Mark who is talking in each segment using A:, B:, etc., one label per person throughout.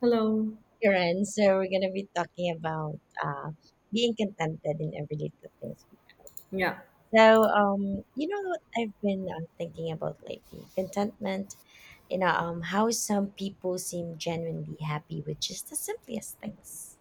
A: Hello.
B: Karen. So we're gonna be talking about being contented in everyday things.
A: Yeah,
B: So you know what I've been thinking about lately? Contentment. You know how some people seem genuinely happy with just the simplest things.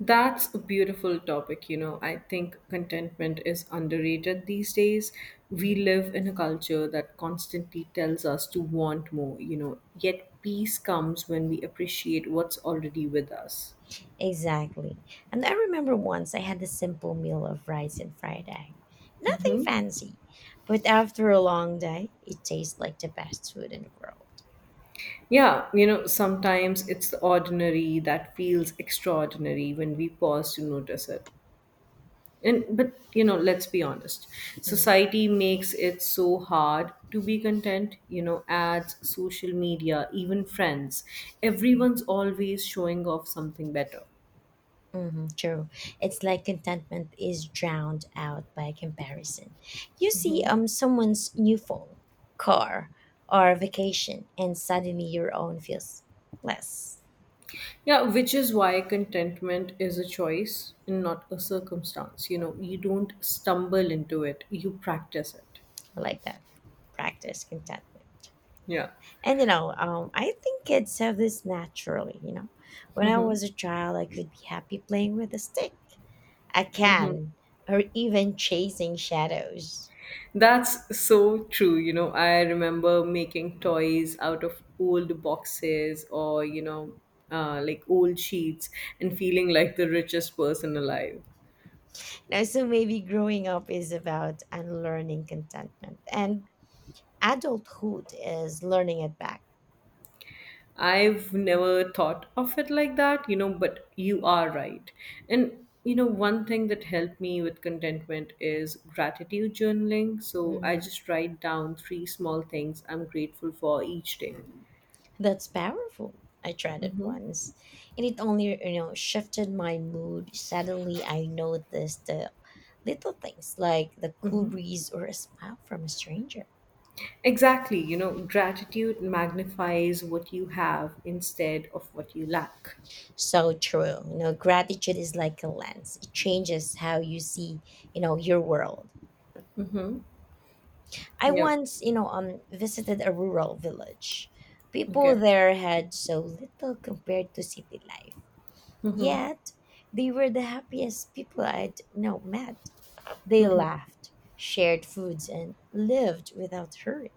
A: that's a beautiful topic. You know, I think contentment is underrated these days. We
B: Mm.
A: live in a culture that constantly tells us to want more, you know, yet peace comes when we appreciate what's already with us.
B: Exactly. And I remember once I had a simple meal of rice and fried egg. Nothing
A: Mm-hmm.
B: fancy, but after a long day, it tastes like the best food in the world.
A: Yeah, you know, sometimes it's the ordinary that feels extraordinary when we pause to notice it. And but you know, let's be honest,
B: Mm,
A: society makes it so hard to be content, you know, ads, social media, even friends,
B: mhm.
A: everyone's always showing off something better.
B: True. It's like contentment is drowned out by comparison. You see someone's new phone, car, or vacation, and suddenly your own feels less.
A: Yeah, which is why contentment is a choice and not a circumstance. You know, you don't stumble into it, you practice it.
B: I like that. Practice contentment.
A: Yeah.
B: And I think kids have this naturally. When I
A: Mm-hmm.
B: was a child, I could be happy playing with a stick, a can, or even chasing shadows.
A: That's so true. You know, I remember making toys out of old boxes or, you know, like old sheets and feeling like the richest person alive.
B: Now, so maybe growing up is about unlearning contentment and adulthood is learning it back.
A: I've never thought of it like that, you know, but you are right. And, you know, one thing that helped me with contentment is gratitude journaling. So I
B: Mm,
A: just write down three small things I'm grateful for each day.
B: that's powerful. I tried it
A: Mhm.
B: once, and it only shifted my mood. Suddenly, I noticed the little things like the cool breeze or a smile from a stranger.
A: Exactly, you know, gratitude magnifies what you have instead of what you lack.
B: So true. You know, gratitude is like a lens. It changes how you see your world. I
A: Yep.
B: once visited a rural village. People
A: Okay.
B: there had so little compared to city life.
A: Mm-hmm.
B: Yet they were the happiest people I'd now met. They
A: Mm-hmm.
B: laughed, shared foods, and lived without hurry.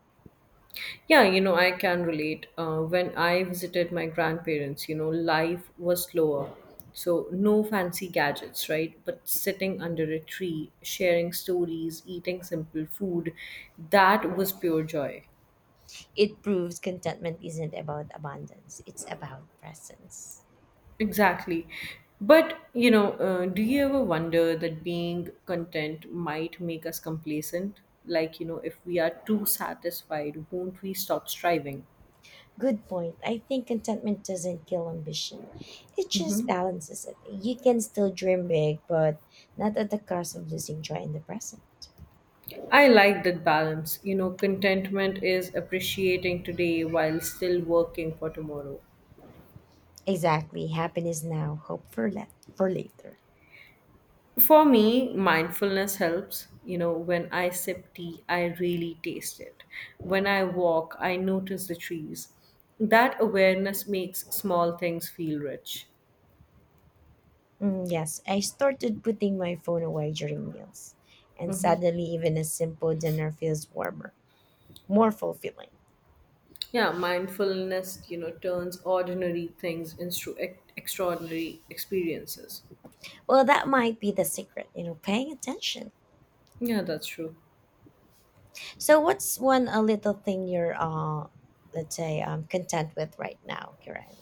A: Yeah, you know, I can relate. When I visited my grandparents, you know, life was slower. So, no fancy gadgets, right? But sitting under a tree, sharing stories, eating simple food, that was pure joy.
B: It proves contentment isn't about abundance, it's about presence.
A: Exactly. But, you know, do you ever wonder that being content might make us complacent? Like, you know, if we are too satisfied, won't we stop striving?
B: Good point. I think contentment doesn't kill ambition, it just
A: hmm
B: balances it. You can still dream big, but not at the cost of losing joy in the present.
A: I like that balance. You know, contentment is appreciating today while still working for tomorrow.
B: Exactly. Happiness now, hope for, for later.
A: For me, mindfulness helps. You know, when I sip tea, I really taste it. When I walk, I notice the trees. That awareness makes small things feel rich.
B: Mm, yes, I started putting my phone away during meals, and
A: hmm
B: suddenly even a simple dinner feels warmer, more fulfilling.
A: Yeah, mindfulness, you know, turns ordinary things into extraordinary experiences.
B: Well, that might be the secret, paying attention.
A: Yeah, that's true.
B: So, what's one a little thing you're, let's say, content with right now, Kiran?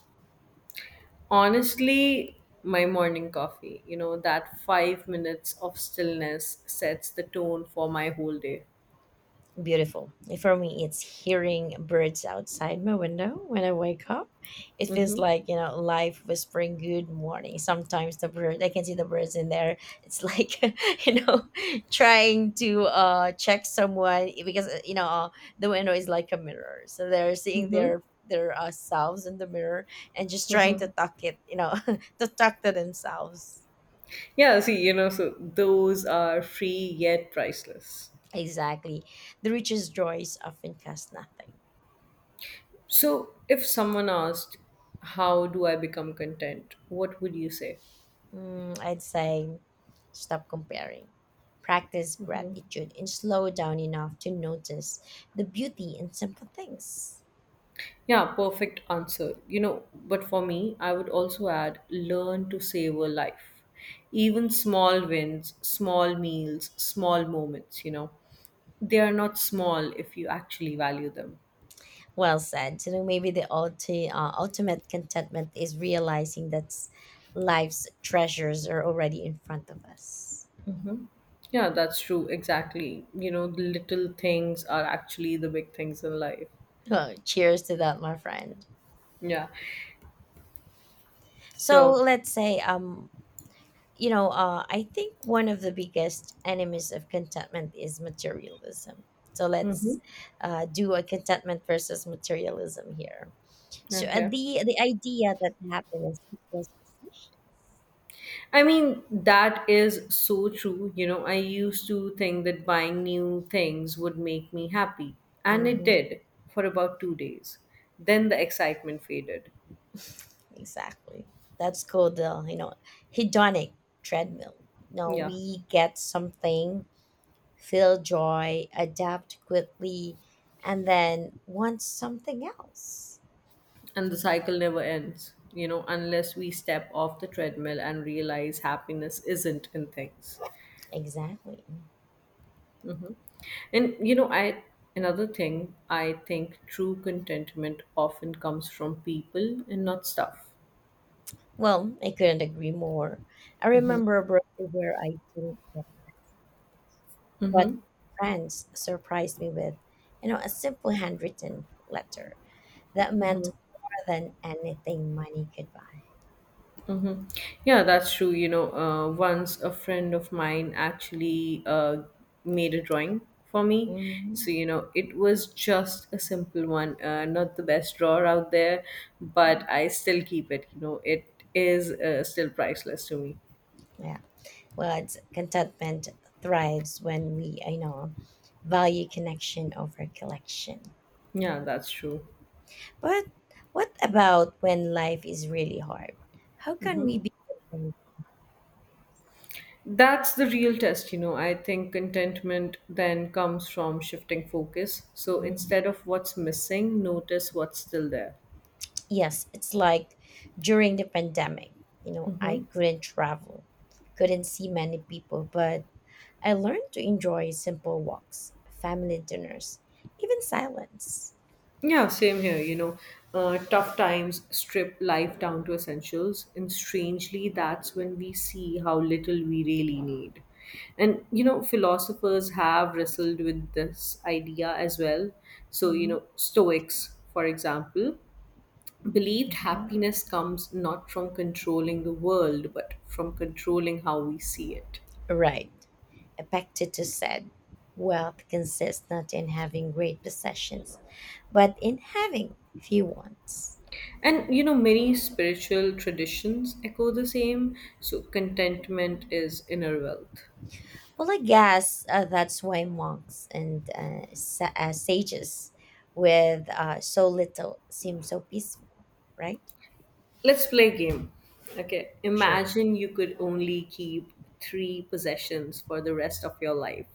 A: Honestly, my morning coffee, you know, that 5 minutes of stillness sets the tone for my whole day.
B: Beautiful. For me, it's hearing birds outside my window when I wake up. It feels
A: Mm-hmm.
B: like, life whispering good morning. Sometimes the bird, I can see the birds in there. It's like, you know, trying to check someone because, the window is like a mirror. So they're seeing
A: Mm-hmm.
B: their selves in the mirror and just trying to
A: Mm-hmm.
B: talk it, to talk to themselves.
A: Yeah, see, you know, so those are free yet priceless.
B: Exactly. The richest joys often cost nothing.
A: So if someone asked, how do I become content? What would you say?
B: Mm, I'd say stop comparing. Practice gratitude and slow down enough to notice the beauty in simple things.
A: Yeah, perfect answer. You know, but for me, I would also add learn to savor life. Even small wins, small meals, small moments, you know, they are not small if you actually value them.
B: Well said. You know, maybe the ultimate contentment is realizing that life's treasures are already in front of us.
A: hmm Yeah, that's true. Exactly. You know, the little things are actually the big things in life.
B: Oh, cheers to that, my friend.
A: Yeah.
B: So
A: So,
B: let's say I think one of the biggest enemies of contentment is materialism. So
A: hmm
B: let's do a contentment versus materialism here. So
A: okay.
B: the idea that happiness equals possession.
A: I mean, that is so true. You know, I used to think that buying new things would make me happy, and it
B: Hmm.
A: did for about 2 days. Then the excitement faded.
B: Exactly. That's called the hedonic treadmill. No,
A: Yeah,
B: we get something, feel joy, adapt quickly, and then want something else.
A: and the cycle never ends, you know, unless we step off the treadmill and realize happiness isn't in things.
B: Exactly.
A: And, you know, I. Another thing, I think true contentment often comes from people and not stuff.
B: Well, I couldn't agree more. I remember a birthday where I took what friends surprised me with, a simple handwritten letter that meant more than anything money could buy.
A: Yeah, that's true. You know, once a friend of mine actually made a drawing for me.
B: Hmm.
A: So, you know, it was just a simple one, not the best drawer out there, but I still keep it. You know, it is still priceless to me.
B: Yeah. Well, it's contentment thrives when we, value connection over collection.
A: Yeah, that's true.
B: But what about when life is really hard? How can we be content?
A: That's the real test, you know. I think contentment then comes from shifting focus. So instead of what's missing, notice what's still there.
B: Yes, it's like during the pandemic, I couldn't travel, couldn't see many people, but I learned to enjoy simple walks, family dinners, even silence.
A: Yeah, same here. You know, tough times strip life down to essentials, and strangely, that's when we see how little we really need. And, you know, philosophers have wrestled with this idea as well. So, you
B: Mhm.
A: know, Stoics, for example, believed
B: Mhm.
A: happiness comes not from controlling the world, but from controlling how we see it.
B: Right. Epictetus said, Wealth consists not in having great possessions, but in having few wants.
A: And you know, many spiritual traditions echo the same. So, contentment is inner wealth.
B: Well, I guess that's why monks and sages with so little seem so peaceful, right?
A: Let's play a game. Okay.
B: Sure.
A: Imagine you could only keep three possessions for the rest of your life.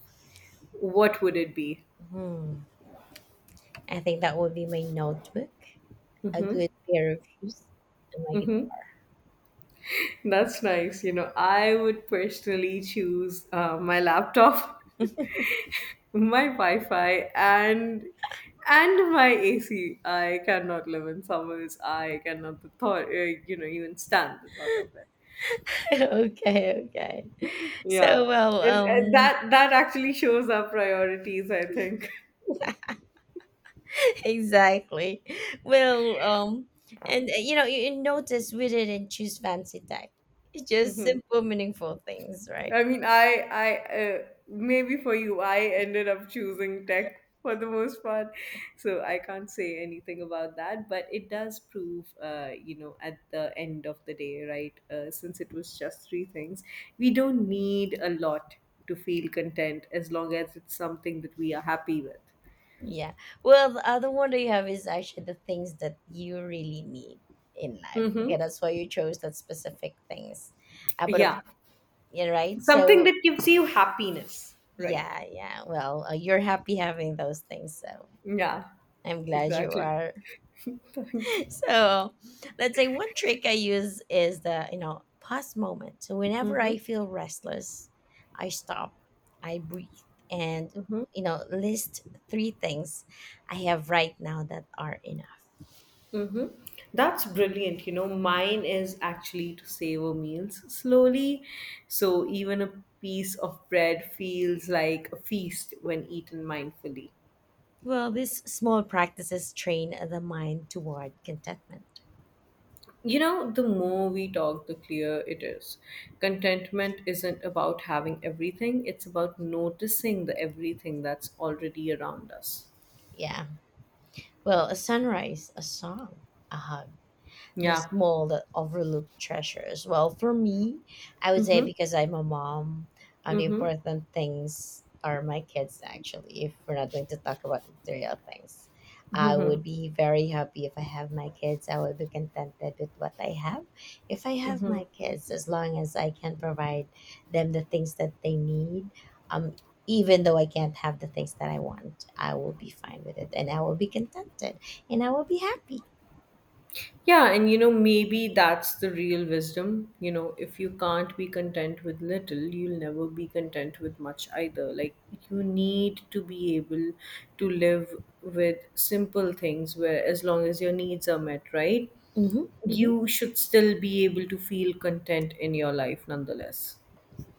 A: What would it be?
B: Hmm. I think that would be my notebook, a
A: Mm-hmm.
B: good pair of shoes. And my
A: Mm-hmm. That's nice. You know, I would personally choose my laptop, my Wi-Fi, and my AC. I cannot live in summers. I cannot the thought. You know, even stand the thought of it.
B: guitar. Okay, okay. So,
A: Yeah,
B: well,
A: and that actually shows our priorities, I think.
B: exactly. Well, and you notice we didn't choose fancy tech. It's just simple, meaningful things, right?
A: I mean, maybe for you, I ended up choosing tech for the most part, so I can't say anything about that. But it does prove, you know, at the end of the day, right? Since it was just three things, we don't need a lot to feel content as long as it's something that we are happy with.
B: Yeah. Well, the other one that you have is actually the things that you really need in life. Okay,
A: Mm-hmm.
B: that's why you chose that specific things. But of
A: Yeah,
B: yeah, right.
A: something
B: So
A: that gives you happiness, right?
B: yeah, yeah. Well, you're happy having those things, so
A: Yeah,
B: I'm glad you
A: exactly.
B: are.
A: Thank you.
B: So let's say one trick I use is the pause moment. So whenever
A: Mm-hmm.
B: I feel restless, I stop, I breathe, and list three things I have right now that are enough.
A: Mm-hmm. That's brilliant. You know, mine is actually to savor meals slowly. So even a piece of bread feels like a feast when eaten mindfully.
B: Well, these small practices train the mind toward contentment.
A: You know, the more we talk, the clearer it is. Contentment isn't about having everything, it's about noticing the everything that's already around us.
B: Yeah. Well, a sunrise, a song, a hug, the
A: Yeah.
B: small that overlooked treasures. Well, for me, I would say
A: Mm-hmm.
B: because I'm a mom, the
A: Mm-hmm.
B: important things are my kids, actually, if we're not going to talk about material things. I would be very happy if I have my kids. I would be contented with what I have, if I have my kids, as long as I can provide them the things that they need. um Even though I can't have the things that I want, I will be fine with it, and I will be contented and I will be happy.
A: Yeah, and you know, maybe that's the real wisdom. You know, if you can't be content with little, you'll never be content with much either. Like, you need to be able to live with simple things where, as long as your needs are met, right?
B: Mm-hmm. Mm-hmm.
A: You should still be able to feel content in your life nonetheless.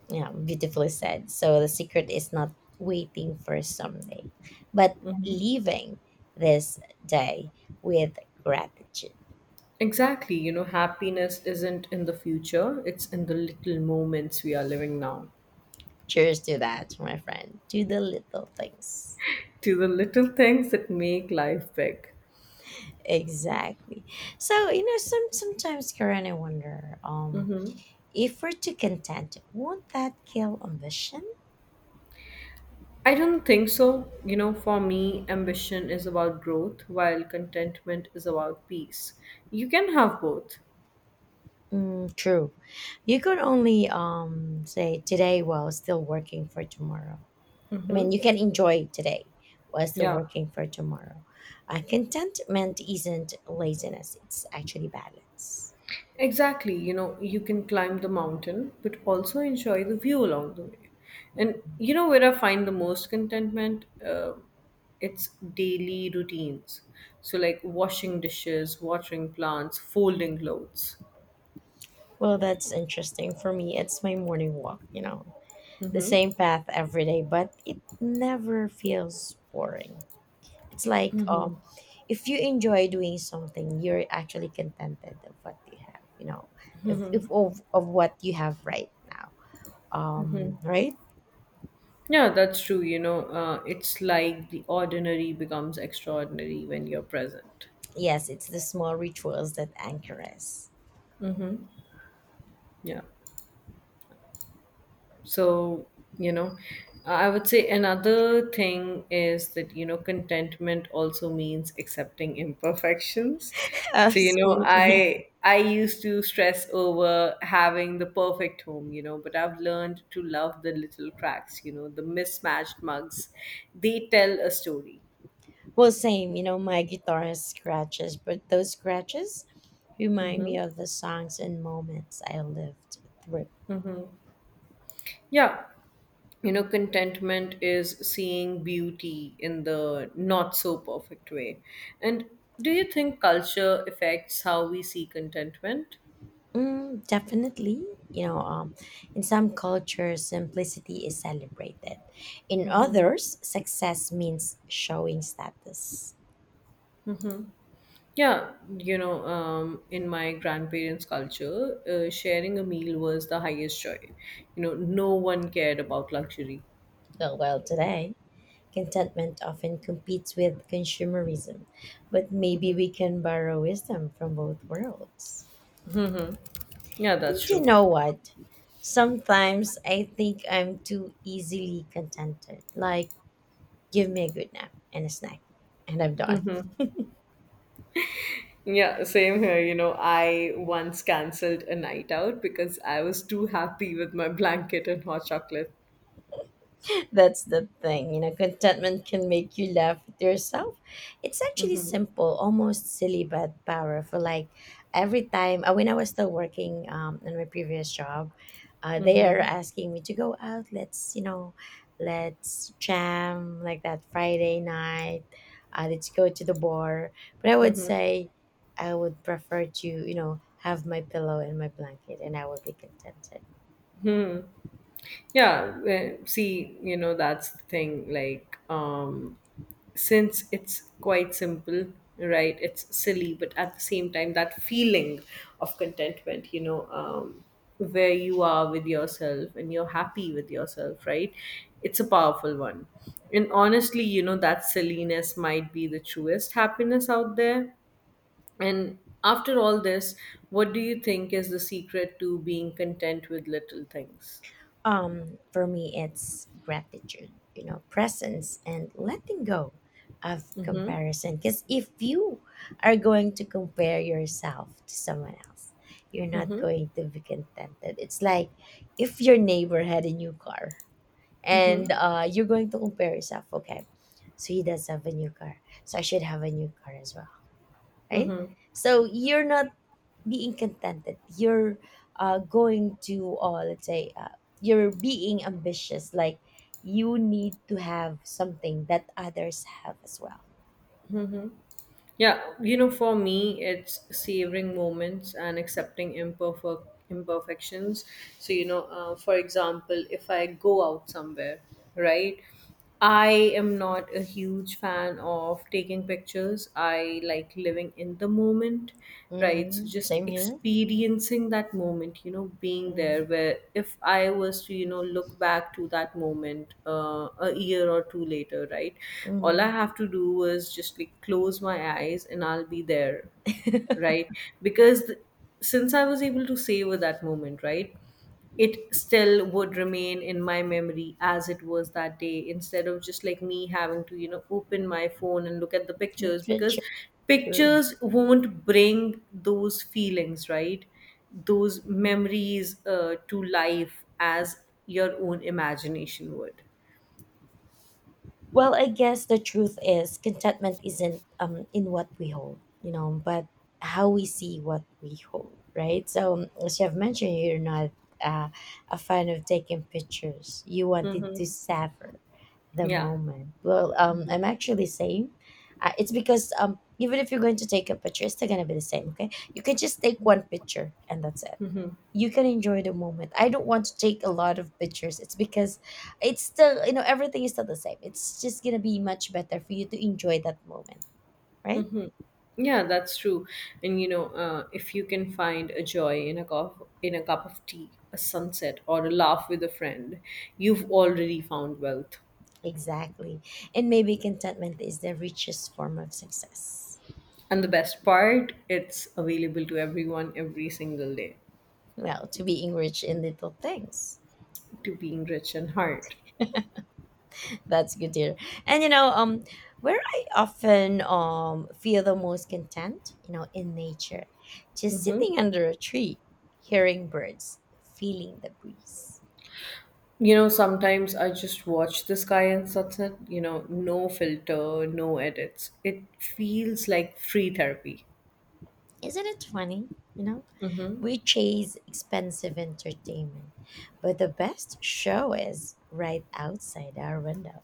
B: Yeah, beautifully said. So the secret is not waiting for someday, but
A: Mhm.
B: leaving this day with gratitude.
A: Exactly. You know, happiness isn't in the future, it's in the little moments we are living now.
B: Cheers to that, my friend. To the little things.
A: To the little things that make life big.
B: Exactly. So sometimes, Karen, I wonder,
A: Mm-hmm.
B: if we're too content, won't that kill ambition?
A: I don't think so. You know, for me, ambition is about growth, while contentment is about peace. You can have both.
B: Mm, true. You could only say today while still working for tomorrow. I mean,
A: Mm-hmm.
B: you can enjoy today while still
A: Yeah,
B: working for tomorrow. Contentment isn't laziness, it's actually balance.
A: exactly. You know, you can climb the mountain, but also enjoy the view along the way. And you know where I find the most contentment? It's daily routines. So, like washing dishes, watering plants, folding clothes.
B: Well, that's interesting. For me, it's my morning walk, the
A: Mm-hmm.
B: same path every day, but it never feels boring. It's like if you enjoy doing something, you're actually contented of what you have, you know, if of, of what you have right now. Right?
A: Yeah, that's true. You know, it's like the ordinary becomes extraordinary when you're present.
B: Yes, it's the small rituals that anchor us.
A: Yeah. So, you know, I would say another thing is that, you know, contentment also means accepting imperfections. So, you know,
B: Absolutely.
A: I used to stress over having the perfect home, you know, but I've learned to love the little cracks, you know, the mismatched mugs. They tell a story.
B: Well, same, my guitar has scratches, but those scratches remind me
A: Mm-hmm.
B: of the songs and moments I lived through.
A: Mm-hmm. Yeah. You know, contentment is seeing beauty in the not so perfect way. And do you think culture affects how we see contentment?
B: Mm, definitely. You know, in some cultures, simplicity is celebrated. In others, success means showing status.
A: Yeah, you know, in my grandparents culture sharing a meal was the highest joy. You know, no one cared about luxury.
B: Oh, well, today, contentment often competes with consumerism, but maybe we can borrow wisdom from both worlds.
A: Yeah, that's
B: And you
A: true.
B: know what? Sometimes I think I'm too easily contented. Like, give me a good nap and a snack, and I'm done.
A: Yeah, same here. You know, I once cancelled a night out because I was too happy with my blanket and hot chocolate.
B: That's the thing. You know, contentment can make you laugh at yourself. It's actually simple, almost silly, but powerful. Like every time, when I was still working in my previous job, they are asking me to go out. Let's jam like that Friday night. Let's go to the bar. But I would say I would prefer to, have my pillow and my blanket and I would be contented.
A: Yeah, see, you know, that's the thing. Since it's quite simple, right? It's silly, but at the same time, that feeling of contentment, you know, where you are with yourself and you're happy with yourself, right? It's a powerful one. And honestly, you know, that silliness might be the truest happiness out there. And after all this, what do you think is the secret to being content with little things?
B: For me, it's gratitude, presence and letting go of
A: Mm-hmm.
B: comparison. Because if you are going to compare yourself to someone else, you're not
A: Mm-hmm.
B: going to be contented. It's like if your neighbor had a new car
A: Mm-hmm.
B: and you're going to compare yourself, okay, so he does have a new car, so I should have a new car as well, right? So you're not being contented, you're going to let's say you're being ambitious, like you need to have something that others have as well.
A: Yeah, you know, for me, it's savoring moments and accepting imperfections. So, you know, for example, if I go out somewhere, right, I am not a huge fan of taking pictures. I like living in the moment, right? So
B: Mm-hmm.
A: just
B: Same here.
A: experiencing that moment, you know, being
B: Mm-hmm.
A: there. Where if I was to, you know, look back to that moment a year or two later, right, all I
B: Mm-hmm.
A: have to do was just like close my eyes and I'll be there, right? because th- since I was able to savor that moment, right, it still would remain in my memory as it was that day, instead of just like me having to, you know, open my phone and look at the pictures, because
B: Literature.
A: pictures won't bring those feelings, right, those memories to life as your own imagination would.
B: Well, I guess the truth is contentment isn't in what we hold, but how we see what we hold, right? So as you have mentioned, you're not uh, a fan of taking pictures. You wanted
A: Mm-hmm.
B: to savor the
A: Yeah.
B: moment. Well, I'm actually saying it's because even if you're going to take a picture, it's still gonna be the same. Okay, you can just take one picture and that's it. You can enjoy the moment. I don't want to take a lot of pictures. It's because it's still, everything is still the same. It's just going to be much better for you to enjoy that moment, right?
A: Yeah, that's true. And you know, if you can find a joy in a cup of tea, a sunset, or a laugh with a friend, you've already found wealth.
B: Exactly. And maybe contentment is the richest form of success.
A: And the best part, it's available to everyone every single day,
B: Well, to be enriched in little things.
A: to being rich in heart.
B: That's good to hear. And you know, where I often feel the most content, in nature, just
A: hmm
B: sitting under a tree, hearing birds, feeling the breeze.
A: You know, sometimes I just watch the sky and sunset, you know, no filter, no edits. It feels like free therapy.
B: Isn't it funny? You know,
A: Mm-hmm.
B: we chase expensive entertainment, but the best show is right outside our window.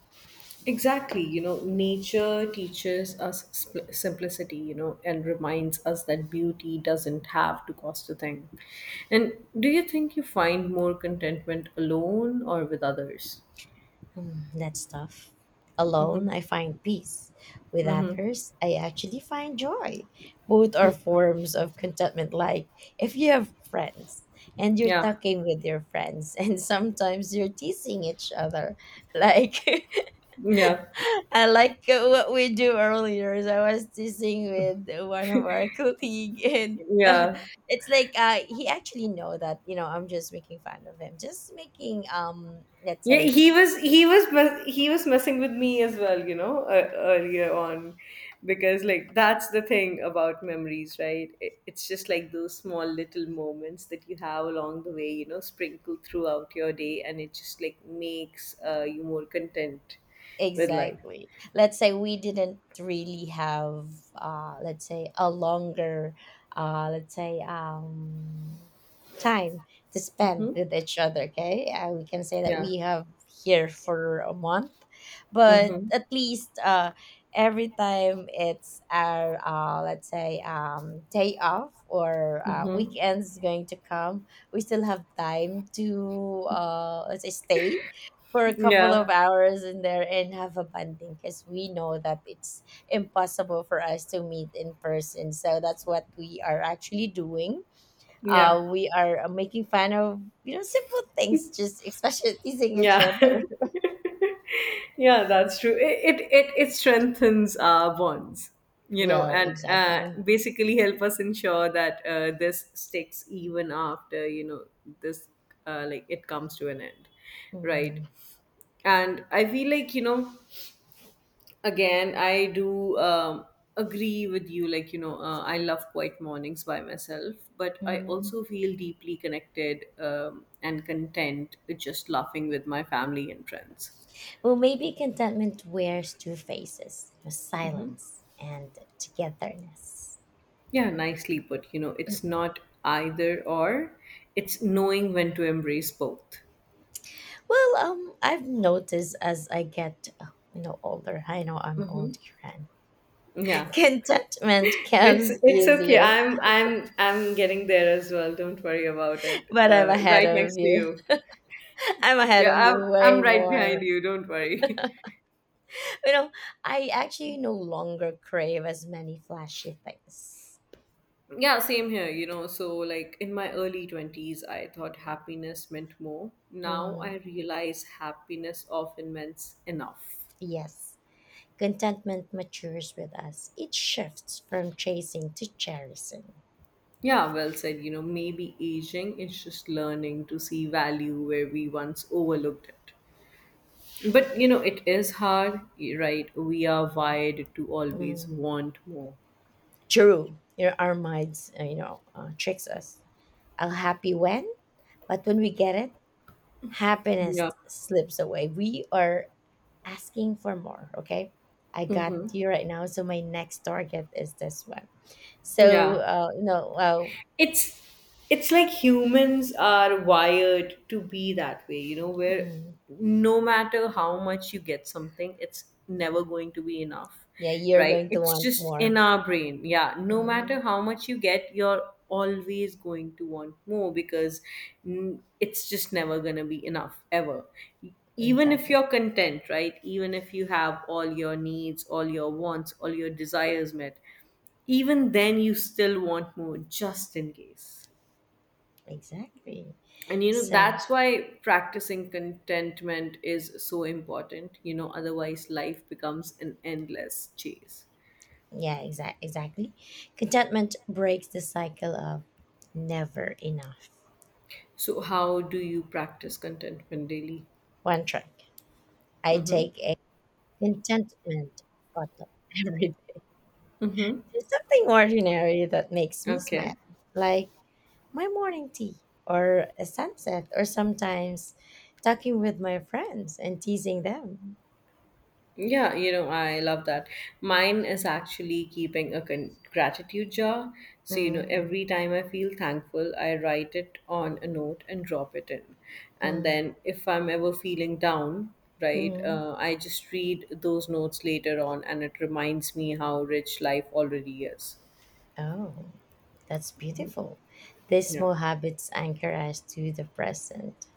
A: Exactly. You know, nature teaches us simplicity, you know, and reminds us that beauty doesn't have to cost a thing. And do you think you find more contentment alone or with others?
B: Mm, that's tough. Alone,
A: Mm-hmm.
B: I find peace. With
A: Mm-hmm.
B: others, I actually find joy. Both are forms of contentment. Like if you have friends and you're
A: Yeah,
B: talking with your friends, and sometimes you're teasing each other, like
A: yeah,
B: I like what we do earlier. Is I was teasing with one of our colleague, and
A: yeah.
B: it's like he actually know that I'm just making fun of him, just making let's
A: Yeah,
B: say
A: he was he was messing with me as well, you know, earlier on, because like that's the thing about memories, right? It's just like those small little moments that you have along the way, you know, sprinkled throughout your day, and it just like makes you more content with life.
B: Exactly. Let's say we didn't really have, a longer, uh, let's say, um, time to spend
A: Mm-hmm.
B: with each other. Okay, we can say that
A: Yeah.
B: we have here for a month, but
A: Mm-hmm.
B: at least every time it's our, day off or
A: Mm-hmm.
B: weekends going to come, we still have time to, stay for a couple of
A: Yeah.
B: hours in there and have a bonding because we know that it's impossible for us to meet in person. So that's what we are actually doing.
A: Yeah.
B: We are making fun of simple things, just especially teasing each
A: Yeah.
B: other.
A: Yeah, that's true. It strengthens our bonds, you know,
B: Well,
A: and
B: exactly.
A: basically help us ensure that this sticks even after, you know, this, like, it comes to an end, right?
B: Hmm.
A: And I feel like, you know, again, I do agree with you. Like, you know, I love quiet mornings by myself, but I
B: Mm.
A: also feel deeply connected and content with just laughing with my family and friends.
B: Well, maybe contentment wears two faces: you know, silence and togetherness.
A: Yeah, nicely put. You know, it's not either or, it's knowing when to embrace both.
B: Well, I've noticed as I get, older. I know I'm
A: Hmm.
B: old, Kiran.
A: Yeah.
B: Contentment
A: It's
B: comes
A: it's okay.
B: easier,
A: I'm getting there as well. Don't worry about it.
B: but I'm ahead
A: Right
B: of
A: next to
B: you.
A: you.
B: I'm ahead
A: Yeah,
B: of you
A: I'm
B: way
A: I'm right
B: more.
A: behind you. Don't worry.
B: You know, I actually no longer crave as many flashy things.
A: Yeah, same here. You know, so like in my early twenties, I thought happiness meant more. Now I
B: Mhm.
A: realize happiness often means enough.
B: Yes, contentment matures with us. It shifts from chasing to cherishing.
A: Yeah, well said. You know, maybe aging is just learning to see value where we once overlooked it. But, you know, it is hard, right? We are wired to always
B: Mhm.
A: want more.
B: True, you know, our minds, tricks us. I'm happy when, but when we get it,
A: Yeah.
B: happiness slips away. We are asking for more. Okay. I got
A: Mm-hmm.
B: you right now. So my next target is this one. So,
A: Yeah.
B: well,
A: it's it's like humans are wired to be that way, you know, where
B: mm,
A: no matter how much you get something, it's never going to be enough,
B: yeah, you're
A: right?
B: going to
A: It's
B: want
A: just in
B: more.
A: our brain. Yeah, no
B: Mhm.
A: matter how much you get, you're always going to want more because, it's just never going to be enough, ever. Even if
B: Exactly.
A: you're content, right? Even if you have all your needs, all your wants, all your desires met, even then you still want more, just in case.
B: Exactly.
A: And you know,
B: So,
A: that's why practicing contentment is so important, you know, otherwise life becomes an endless chase.
B: yeah, exactly. Contentment breaks the cycle of never enough.
A: So how do you practice contentment daily?
B: One trick. I
A: Mm-hmm.
B: take a contentment photo every
A: Mm-hmm.
B: There's something ordinary that makes me smile,
A: Okay.
B: like my morning tea or a sunset, or sometimes talking with my friends and teasing them.
A: Yeah, you know, I love that. Mine is actually keeping a gratitude jar. So, you know,
B: Mm,
A: every time I feel thankful, I write it on a note and drop it in. And
B: mm,
A: then if I'm ever feeling down, right,
B: mm.
A: I just read those notes later on and it reminds me how rich life already is.
B: Oh, that's beautiful. These
A: Yeah.
B: small habits anchor us to the present.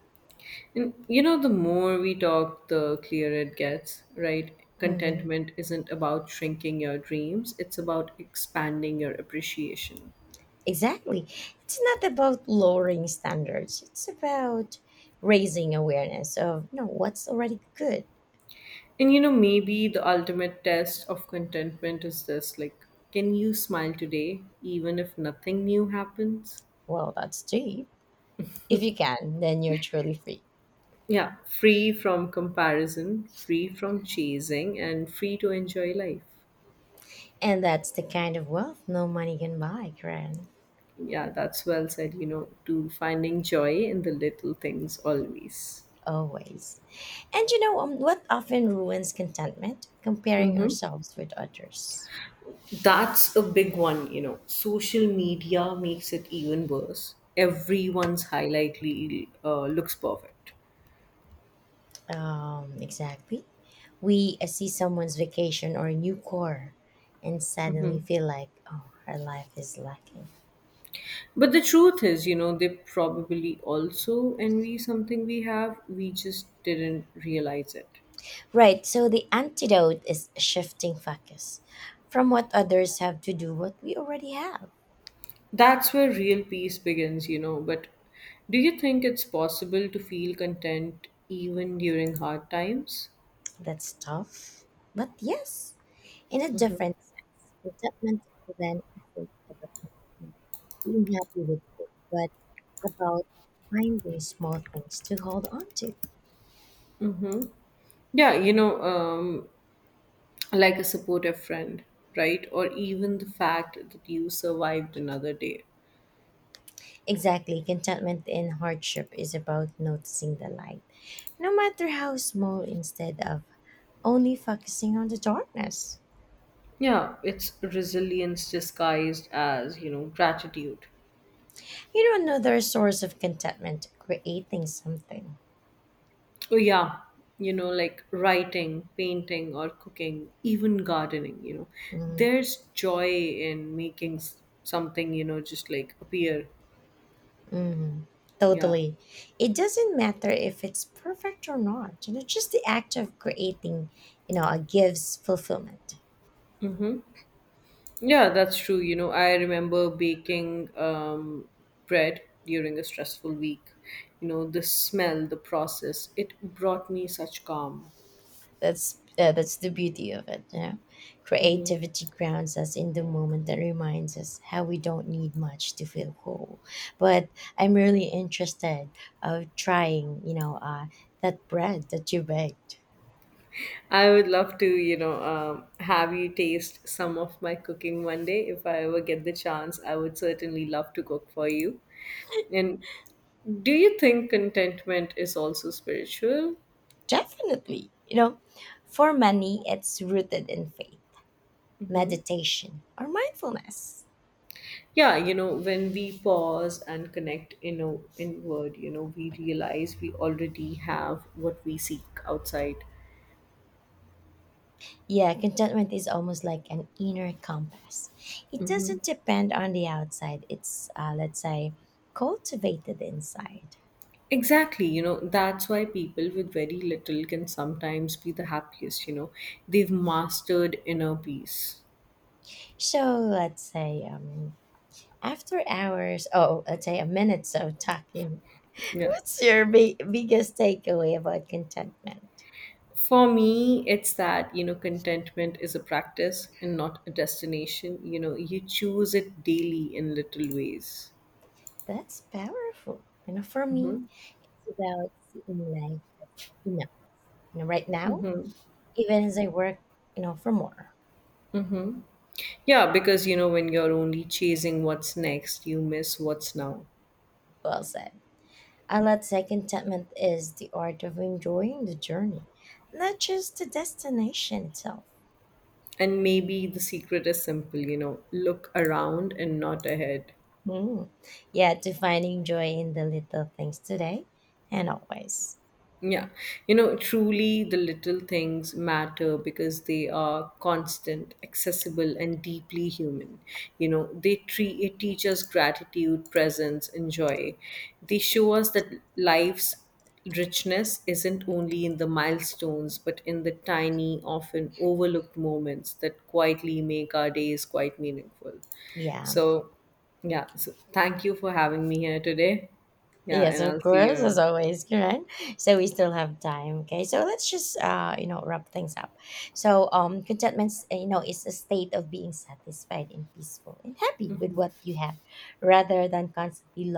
A: And you know, the more we talk, the clearer it gets, right?
B: Hmm.
A: Contentment isn't about shrinking your dreams, it's about expanding your appreciation.
B: Exactly. It's not about lowering standards. It's about raising awareness of, you know, what's already good.
A: And you know, maybe the ultimate test of contentment is this, like, can you smile today even if nothing new happens?
B: Well, that's deep. If you can, then you're truly free.
A: Yeah, free from comparison, free from chasing, and free to enjoy life.
B: And that's the kind of wealth no money can buy, Karen.
A: Yeah, that's well said, you know, to finding joy in the little things always.
B: Always. And you know what often ruins contentment? Comparing
A: Mm-hmm.
B: ourselves with others.
A: That's a big one, you know. Social media makes it even worse. Everyone's highlight reel looks perfect.
B: Exactly. We see someone's vacation or a new car and suddenly
A: Mhm.
B: feel like, oh, her life is lacking.
A: But the truth is, you know, they probably also envy something we have. We just didn't realize it.
B: Right, so the antidote is shifting focus from what others have to do what we already have.
A: That's where real peace begins, you know. But do you think it's possible to feel content even during hard times?
B: That's tough, but yes, in a different sense. Contentment then isn't about being happy with it, but about finding small things to hold on to.
A: Mm-hmm. Yeah, you know, like a supportive friend, right? Or even the fact that you survived another day.
B: Exactly, contentment in hardship is about noticing the light, no matter how small, instead of only focusing on the darkness.
A: Yeah, it's resilience disguised as, you know, gratitude.
B: You know, another source of contentment, creating something.
A: Oh, yeah. You know, like writing, painting, or cooking, even gardening, you know,
B: Hmm.
A: there's joy in making something, you know, just like appear.
B: Mm,
A: Yeah.
B: totally. It doesn't matter if it's perfect or not. You know, just the act of creating, gives fulfillment.
A: Mm-hmm. Yeah, that's true. You know, I remember baking bread during a stressful week. You know, the smell, the process, it brought me such calm.
B: That's the beauty of it. You know, creativity grounds us in the moment that reminds us how we don't need much to feel whole. But I'm really interested of trying. You know, that bread that you baked.
A: I would love to, you know, have you taste some of my cooking one day. If I ever get the chance, I would certainly love to cook for you. And do you think contentment is also spiritual?
B: Definitely. You know, for many, it's rooted in faith,
A: Hmm.
B: meditation, or mindfulness.
A: Yeah, you know, when we pause and connect, you know, inward, you know, we realize we already have what we seek outside.
B: Yeah, contentment is almost like an inner compass. It doesn't depend on the outside. It's, cultivated inside.
A: Exactly, you know, that's why people with very little can sometimes be the happiest, you know. They've mastered inner peace.
B: So let's say after hours, oh, let's say a minute of talking,
A: Yeah.
B: what's your biggest takeaway about contentment?
A: For me, it's that, you know, contentment is a practice and not a destination. You know, you choose it daily in little ways.
B: That's powerful. You know, for me,
A: Mhm.
B: it's about seeing life enough. You know, right now, even as I work, you know, for more.
A: Yeah, because you know, when you're only chasing what's next, you miss what's now.
B: Well said. I let's say contentment is the art of enjoying the journey, not just the destination itself.
A: And maybe the secret is simple, you know, look around and not ahead.
B: Hmm. Yeah, to finding joy in the little things today and always.
A: Yeah, you know, truly the little things matter because they are constant, accessible, and deeply human. You know, they it teach us gratitude, presence, and joy. They show us that life's richness isn't only in the milestones, but in the tiny, often overlooked moments that quietly make our days quite meaningful.
B: Yeah.
A: So, yeah, so thank you for having me here today. Yeah,
B: Yes,
A: and
B: of
A: I'll see you
B: course, as
A: around.
B: always, Karen. So we still have time. Okay. So let's just wrap things up. So contentment, you know, is a state of being satisfied and peaceful and happy with what you have rather than constantly